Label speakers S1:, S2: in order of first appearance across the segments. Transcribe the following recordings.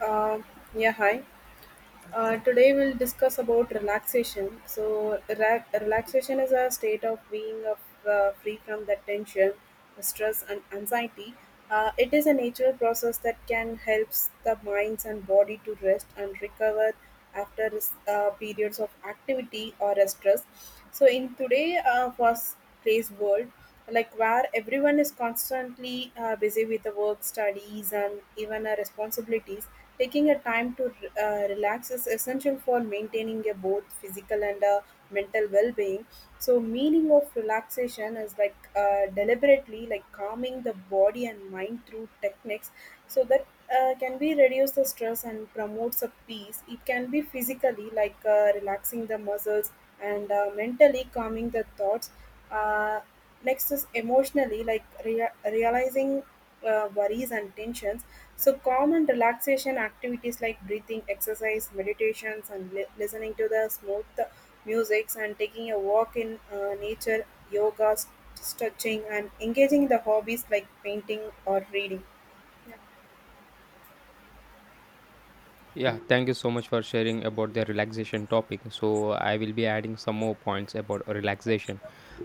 S1: Uh, yeah, hi. Today we'll discuss about relaxation. So, relaxation is a state of being of, free from the tension, stress, and anxiety. It is a natural process that can help the minds and body to rest and recover after periods of activity or stress. So, in today fast-paced world, like where everyone is constantly busy with the work studies and even responsibilities taking a time to relax is essential for maintaining a both physical and mental well-being. So meaning of relaxation is like deliberately like calming the body and mind through techniques so that can be reduce the stress and promotes a peace. It can be physically like relaxing the muscles and mentally calming the thoughts. uh, Next is emotionally, like realizing worries and tensions. So, calm and relaxation activities like breathing, exercise, meditations, and listening to the smooth musics and taking a walk in nature, yoga, stretching, and engaging in the hobbies like painting or reading.
S2: Yeah, thank you so much for sharing about the relaxation topic. So I will be adding some more points about relaxation,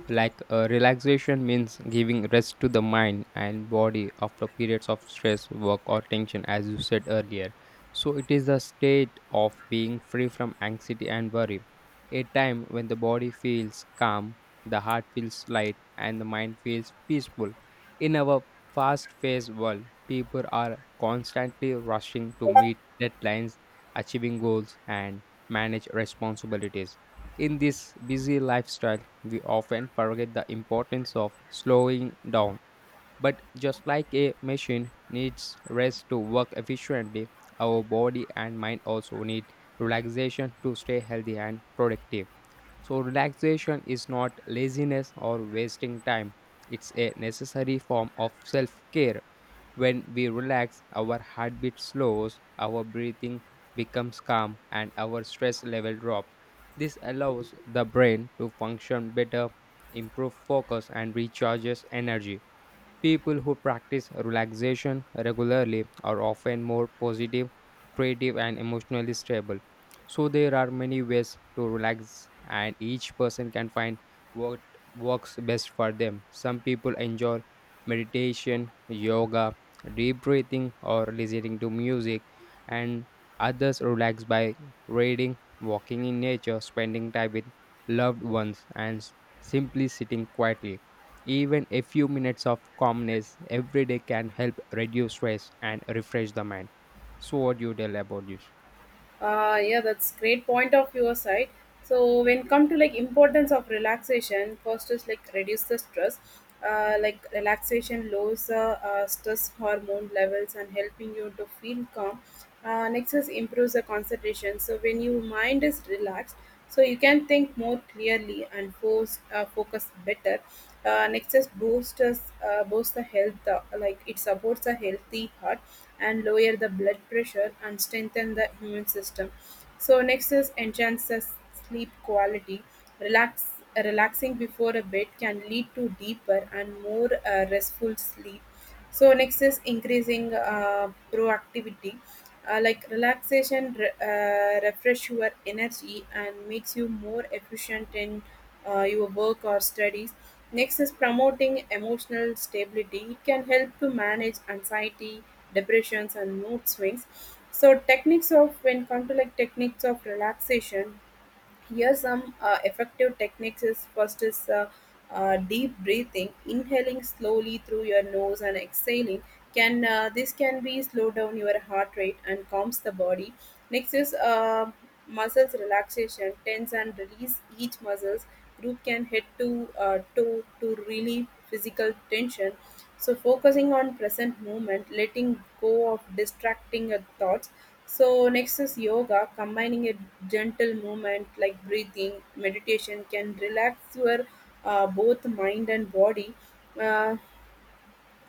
S2: like relaxation means giving rest to the mind and body after periods of stress, work, or tension, as you said earlier. So it is a state of being free from anxiety and worry, a time when the body feels calm, the heart feels light, and the mind feels peaceful. In our fast paced world, people are constantly rushing to meet deadlines, achieving goals, and manage responsibilities. In this busy lifestyle, we often forget the importance of slowing down. But just like a machine needs rest to work efficiently, our body and mind also need relaxation to stay healthy and productive. So, relaxation is not laziness or wasting time, it's a necessary form of self care. When we relax, our heartbeat slows, our breathing becomes calm, and our stress level drop. This allows the brain to function better, improve focus, and recharges energy. People who practice relaxation regularly are often more positive, creative, and emotionally stable. So, there are many ways to relax, and each person can find what works best for them. Some people enjoy meditation, yoga, deep breathing, or listening to music, and others relax by reading, walking in nature, spending time with loved ones, and simply sitting quietly. Even a few minutes of calmness every day can help reduce stress and refresh the mind. So, what do you tell about this?
S1: Yeah, that's great point of your side. So when come to like importance of relaxation first is like reduce the stress. Like relaxation lowers the stress hormone levels and helping you to feel calm. Next is improves the concentration so when your mind is relaxed so you can think more clearly and focus better. Next is boost the health. Like it supports a healthy heart and lower the blood pressure and strengthen the immune system. So next is enhances sleep quality. relax, Relaxing before a bed can lead to deeper and more restful sleep. So, next is increasing proactivity. Like relaxation refresh your energy and makes you more efficient in your work or studies. Next is promoting emotional stability. It can help to manage anxiety, depressions, and mood swings. So techniques of when come to like techniques of relaxation here, some effective techniques is first is deep breathing, inhaling slowly through your nose and exhaling. Can This can be slow down your heart rate and calms the body. Next is muscles relaxation, tense and release each muscles group can head to toe to relieve physical tension. So focusing on present moment letting go of distracting thoughts. So next is yoga combining a gentle movement like breathing meditation can relax your both mind and body. Uh,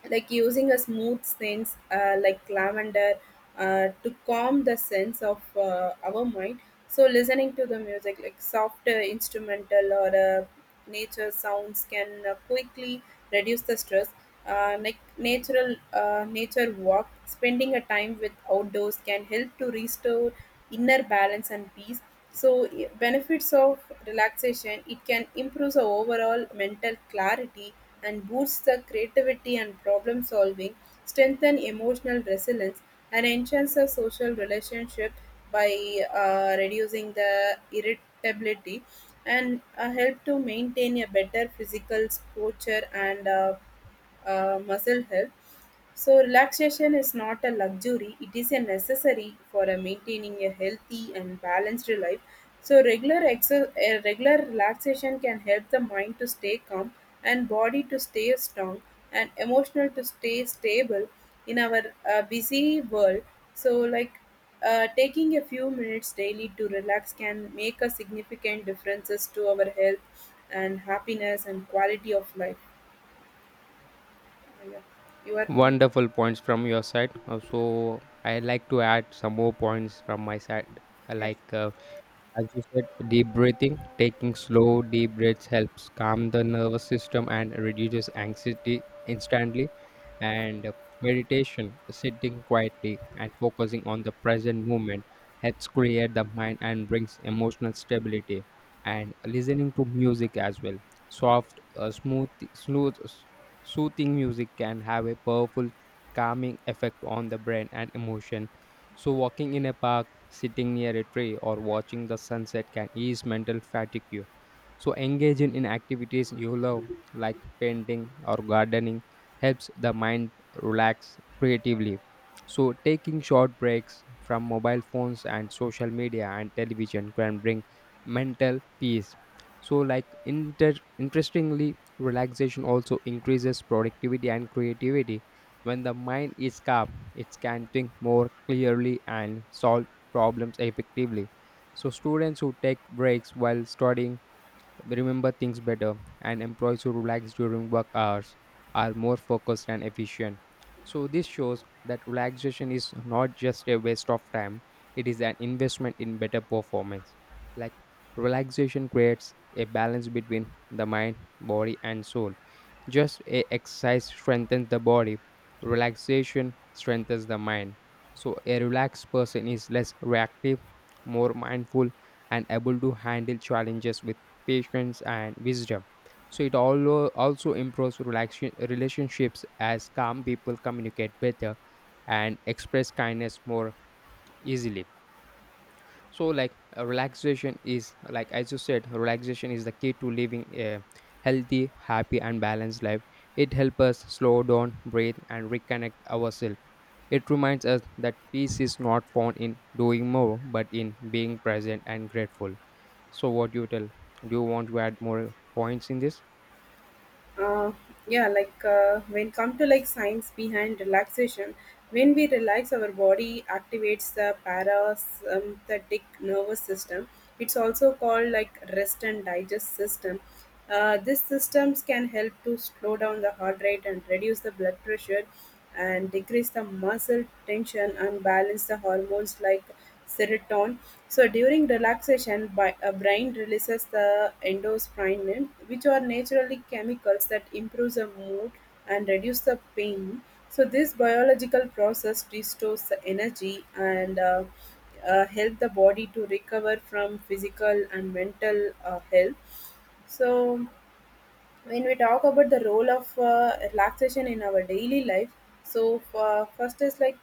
S1: like using a smooth scents like lavender to calm the sense of our mind. So listening to the music like soft instrumental or nature sounds can quickly reduce the stress. Like natural nature walk spending a time with outdoors can help to restore inner balance and peace. So, benefits of relaxation it can improve the overall mental clarity and boosts the creativity and problem solving, strengthen emotional resilience, and enhance the social relationship by reducing the irritability and help to maintain a better physical posture and muscle health. So relaxation is not a luxury, it is a necessary for a maintaining a healthy and balanced life. So a regular relaxation can help the mind to stay calm and body to stay strong and emotional to stay stable in our busy world. So like taking a few minutes daily to relax can make a significant differences to our health and happiness and quality of life. Yeah. You are.
S2: Wonderful points from your side. So, I like to add some more points from my side, uh,
S1: Yeah.
S2: like uh, as you said, deep breathing, taking slow, deep breaths helps calm the nervous system and reduces anxiety instantly. And Meditation, sitting quietly and focusing on the present moment, helps create the mind and brings emotional stability. And listening to music as well, soft, smooth, soothing music can have a powerful calming effect on the brain and emotion. So, walking in a park, sitting near a tree, or watching the sunset can ease mental fatigue. So, engaging in activities you love, like painting or gardening, helps the mind relax creatively. So, taking short breaks from mobile phones and social media and television can bring mental peace. So, like, interestingly, relaxation also increases productivity and creativity. When the mind is calm, it can think more clearly and solve problems effectively. So, students who take breaks while studying remember things better, and employees who relax during work hours are more focused and efficient. So, this shows that relaxation is not just a waste of time, it is an investment in better performance. Like, relaxation creates a balance between the mind, body, and soul. Just a exercise strengthens the body, relaxation strengthens the mind. So, a relaxed person is less reactive, more mindful, and able to handle challenges with patience and wisdom. So it also improves relaxation relationships, as calm people communicate better and express kindness more easily. So, relaxation is, like, as you said, relaxation is the key to living a healthy, happy, and balanced life. It helps us slow down, breathe, and reconnect ourselves. It reminds us that peace is not found in doing more, but in being present and grateful. So, what do you tell? Do you want to add more points in this?
S1: uh, yeah, like when come to like science behind relaxation when we relax our body activates the parasympathetic nervous system. It's also called like rest and digest system. These systems can help to slow down the heart rate and reduce the blood pressure and decrease the muscle tension and balance the hormones like serotonin. So during relaxation, by a brain releases the endorphins, which are naturally chemicals that improves the mood and reduce the pain. So this biological process restores the energy and help the body to recover from physical and mental health. So when we talk about the role of relaxation in our daily life, so first is like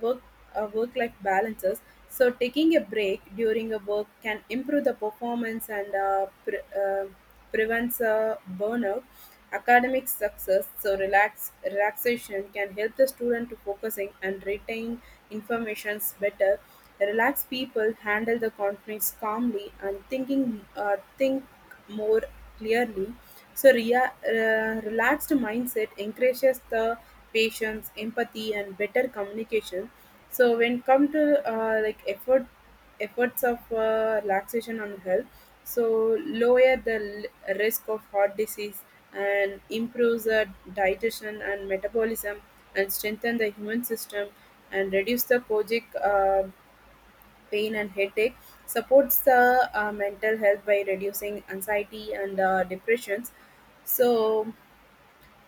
S1: work work life balances. So taking a break during a work can improve the performance and prevents burnout. Academic success, so relaxation can help the student to focusing and retain informations better. Relaxed people handle the conflicts calmly and think more clearly. So, relaxed mindset encourages the patience, empathy, and better communication. So, when come to like efforts of relaxation on health, so lower the risk of heart disease and improves the digestion and metabolism and strengthen the human system and reduce the kojic. Pain and headache, supports the mental health by reducing anxiety and depressions. So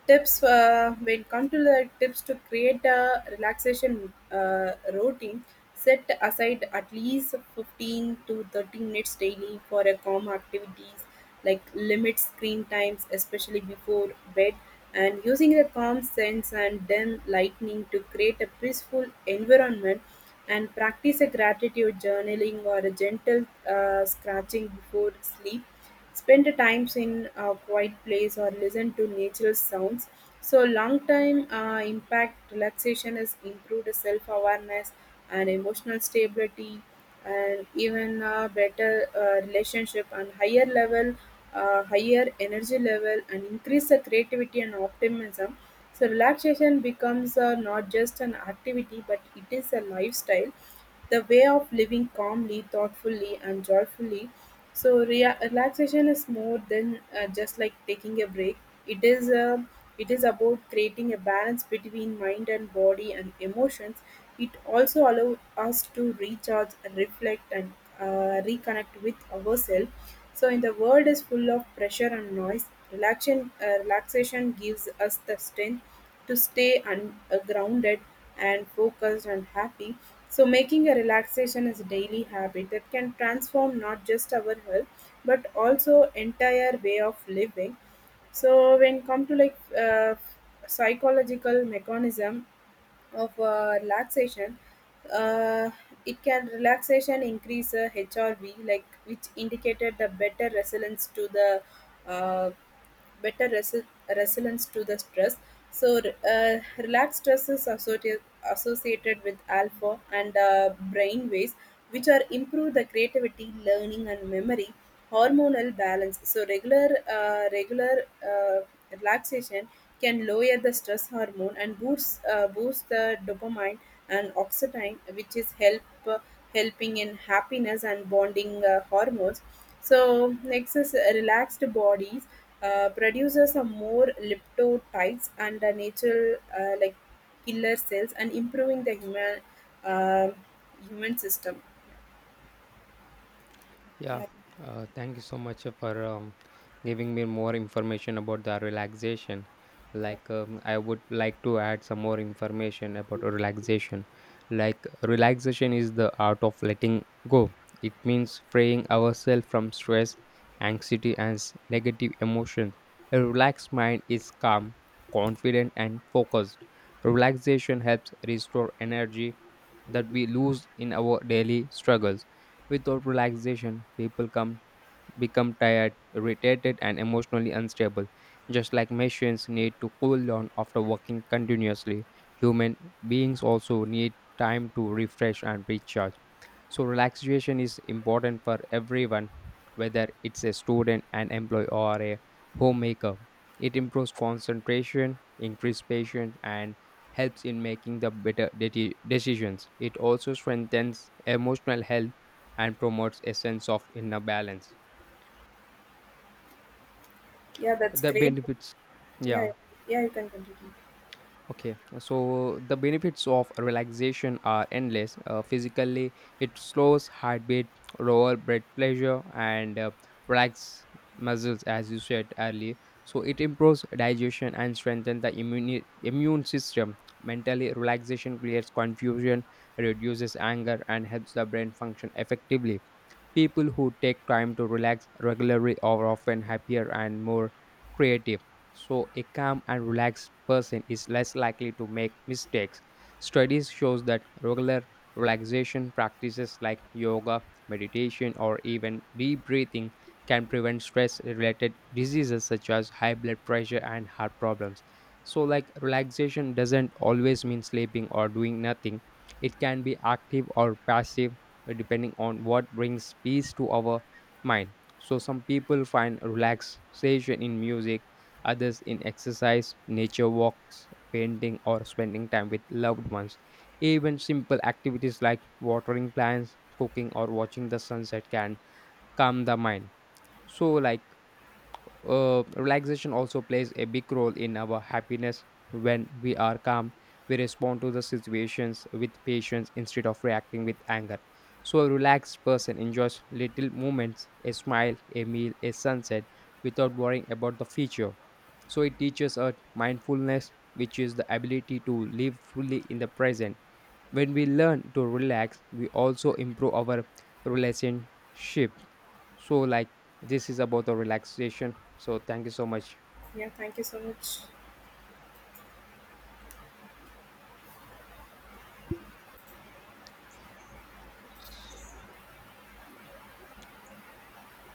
S1: Tips when come to the tips to create a relaxation routine, set aside at least 15 to 30 minutes daily for a calm activities, like limit screen times, especially before bed, and using a calm sense and dim lightning to create a peaceful environment and practice a gratitude journaling or a gentle scratching before sleep. Spend times in a quiet place or listen to natural sounds. So long term impact relaxation is improved self awareness and emotional stability and even a better relationship and higher energy level and increase the creativity and optimism. So relaxation becomes not just an activity but it is a lifestyle, the way of living calmly, thoughtfully, and joyfully. So relaxation is more than just like taking a break. It is a it is about creating a balance between mind and body and emotions. It also allows us to recharge, reflect, and reconnect with ourselves. So in the world is full of pressure and noise, relaxation gives us the strength to stay grounded and focused and happy. So making a relaxation is a daily habit that can transform not just our health but also entire way of living. So when come to like psychological mechanism of relaxation. uh, it can relaxation increase HRV, like which indicated the better resilience to the uh, better resi- resilience to the stress. So, uh, relaxed stress is associated with alpha and brain waves, which are improve the creativity, learning, and memory, hormonal balance. So, regular regular uh, relaxation can lower the stress hormone and boost the dopamine and oxytocin, which is helping in happiness and bonding hormones. So next is relaxed bodies. Produces some more lymphocytes and a natural like killer cells and improving the uh, human system.
S2: Yeah,
S1: Yeah.
S2: thank you so much for giving me more information about the relaxation.
S1: Yeah.
S2: Like, I would like to add some more information about relaxation. Like, relaxation is the art of letting go, it means freeing ourselves from stress, anxiety, and negative emotions. A relaxed mind is calm, confident, and focused. Relaxation helps restore energy that we lose in our daily struggles. Without relaxation, people come become tired, irritated, and emotionally unstable. Just like machines need to cool down after working continuously, human beings also need time to refresh and recharge. So relaxation is important for everyone, whether it's a student, an employee, or a homemaker. It improves concentration, increases patience, and helps in making the better decisions. It also strengthens emotional health and promotes a sense of inner balance.
S1: Yeah, that's
S2: The
S1: great.
S2: benefits,
S1: Yeah.
S2: yeah.
S1: Yeah, you can continue.
S2: Okay, so the benefits of relaxation are endless. Physically, it slows heartbeat, lower blood pressure, and relax muscles, as you said earlier. So it improves digestion and strengthens the immune system. Mentally, relaxation creates confusion, reduces anger, and helps the brain function effectively. People who take time to relax regularly are often happier and more creative. So, a calm and relaxed person is less likely to make mistakes. Studies shows that regular relaxation practices like yoga, meditation, or even deep breathing can prevent stress-related diseases such as high blood pressure and heart problems. So, like, relaxation doesn't always mean sleeping or doing nothing. It can be active or passive, depending on what brings peace to our mind. So, some people find relaxation in music, others in exercise, nature walks, painting, or spending time with loved ones. Even simple activities like watering plants, cooking, or watching the sunset can calm the mind. So, relaxation also plays a big role in our happiness. When we are calm, we respond to the situations with patience instead of reacting with anger. So a relaxed person enjoys little moments, a smile, a meal, a sunset, without worrying about the future. So it teaches us mindfulness, which is the ability to live fully in the present. When we learn to relax, we also improve our relationship. So, like, this is about the relaxation, so thank you so much.
S1: Yeah, thank you so much.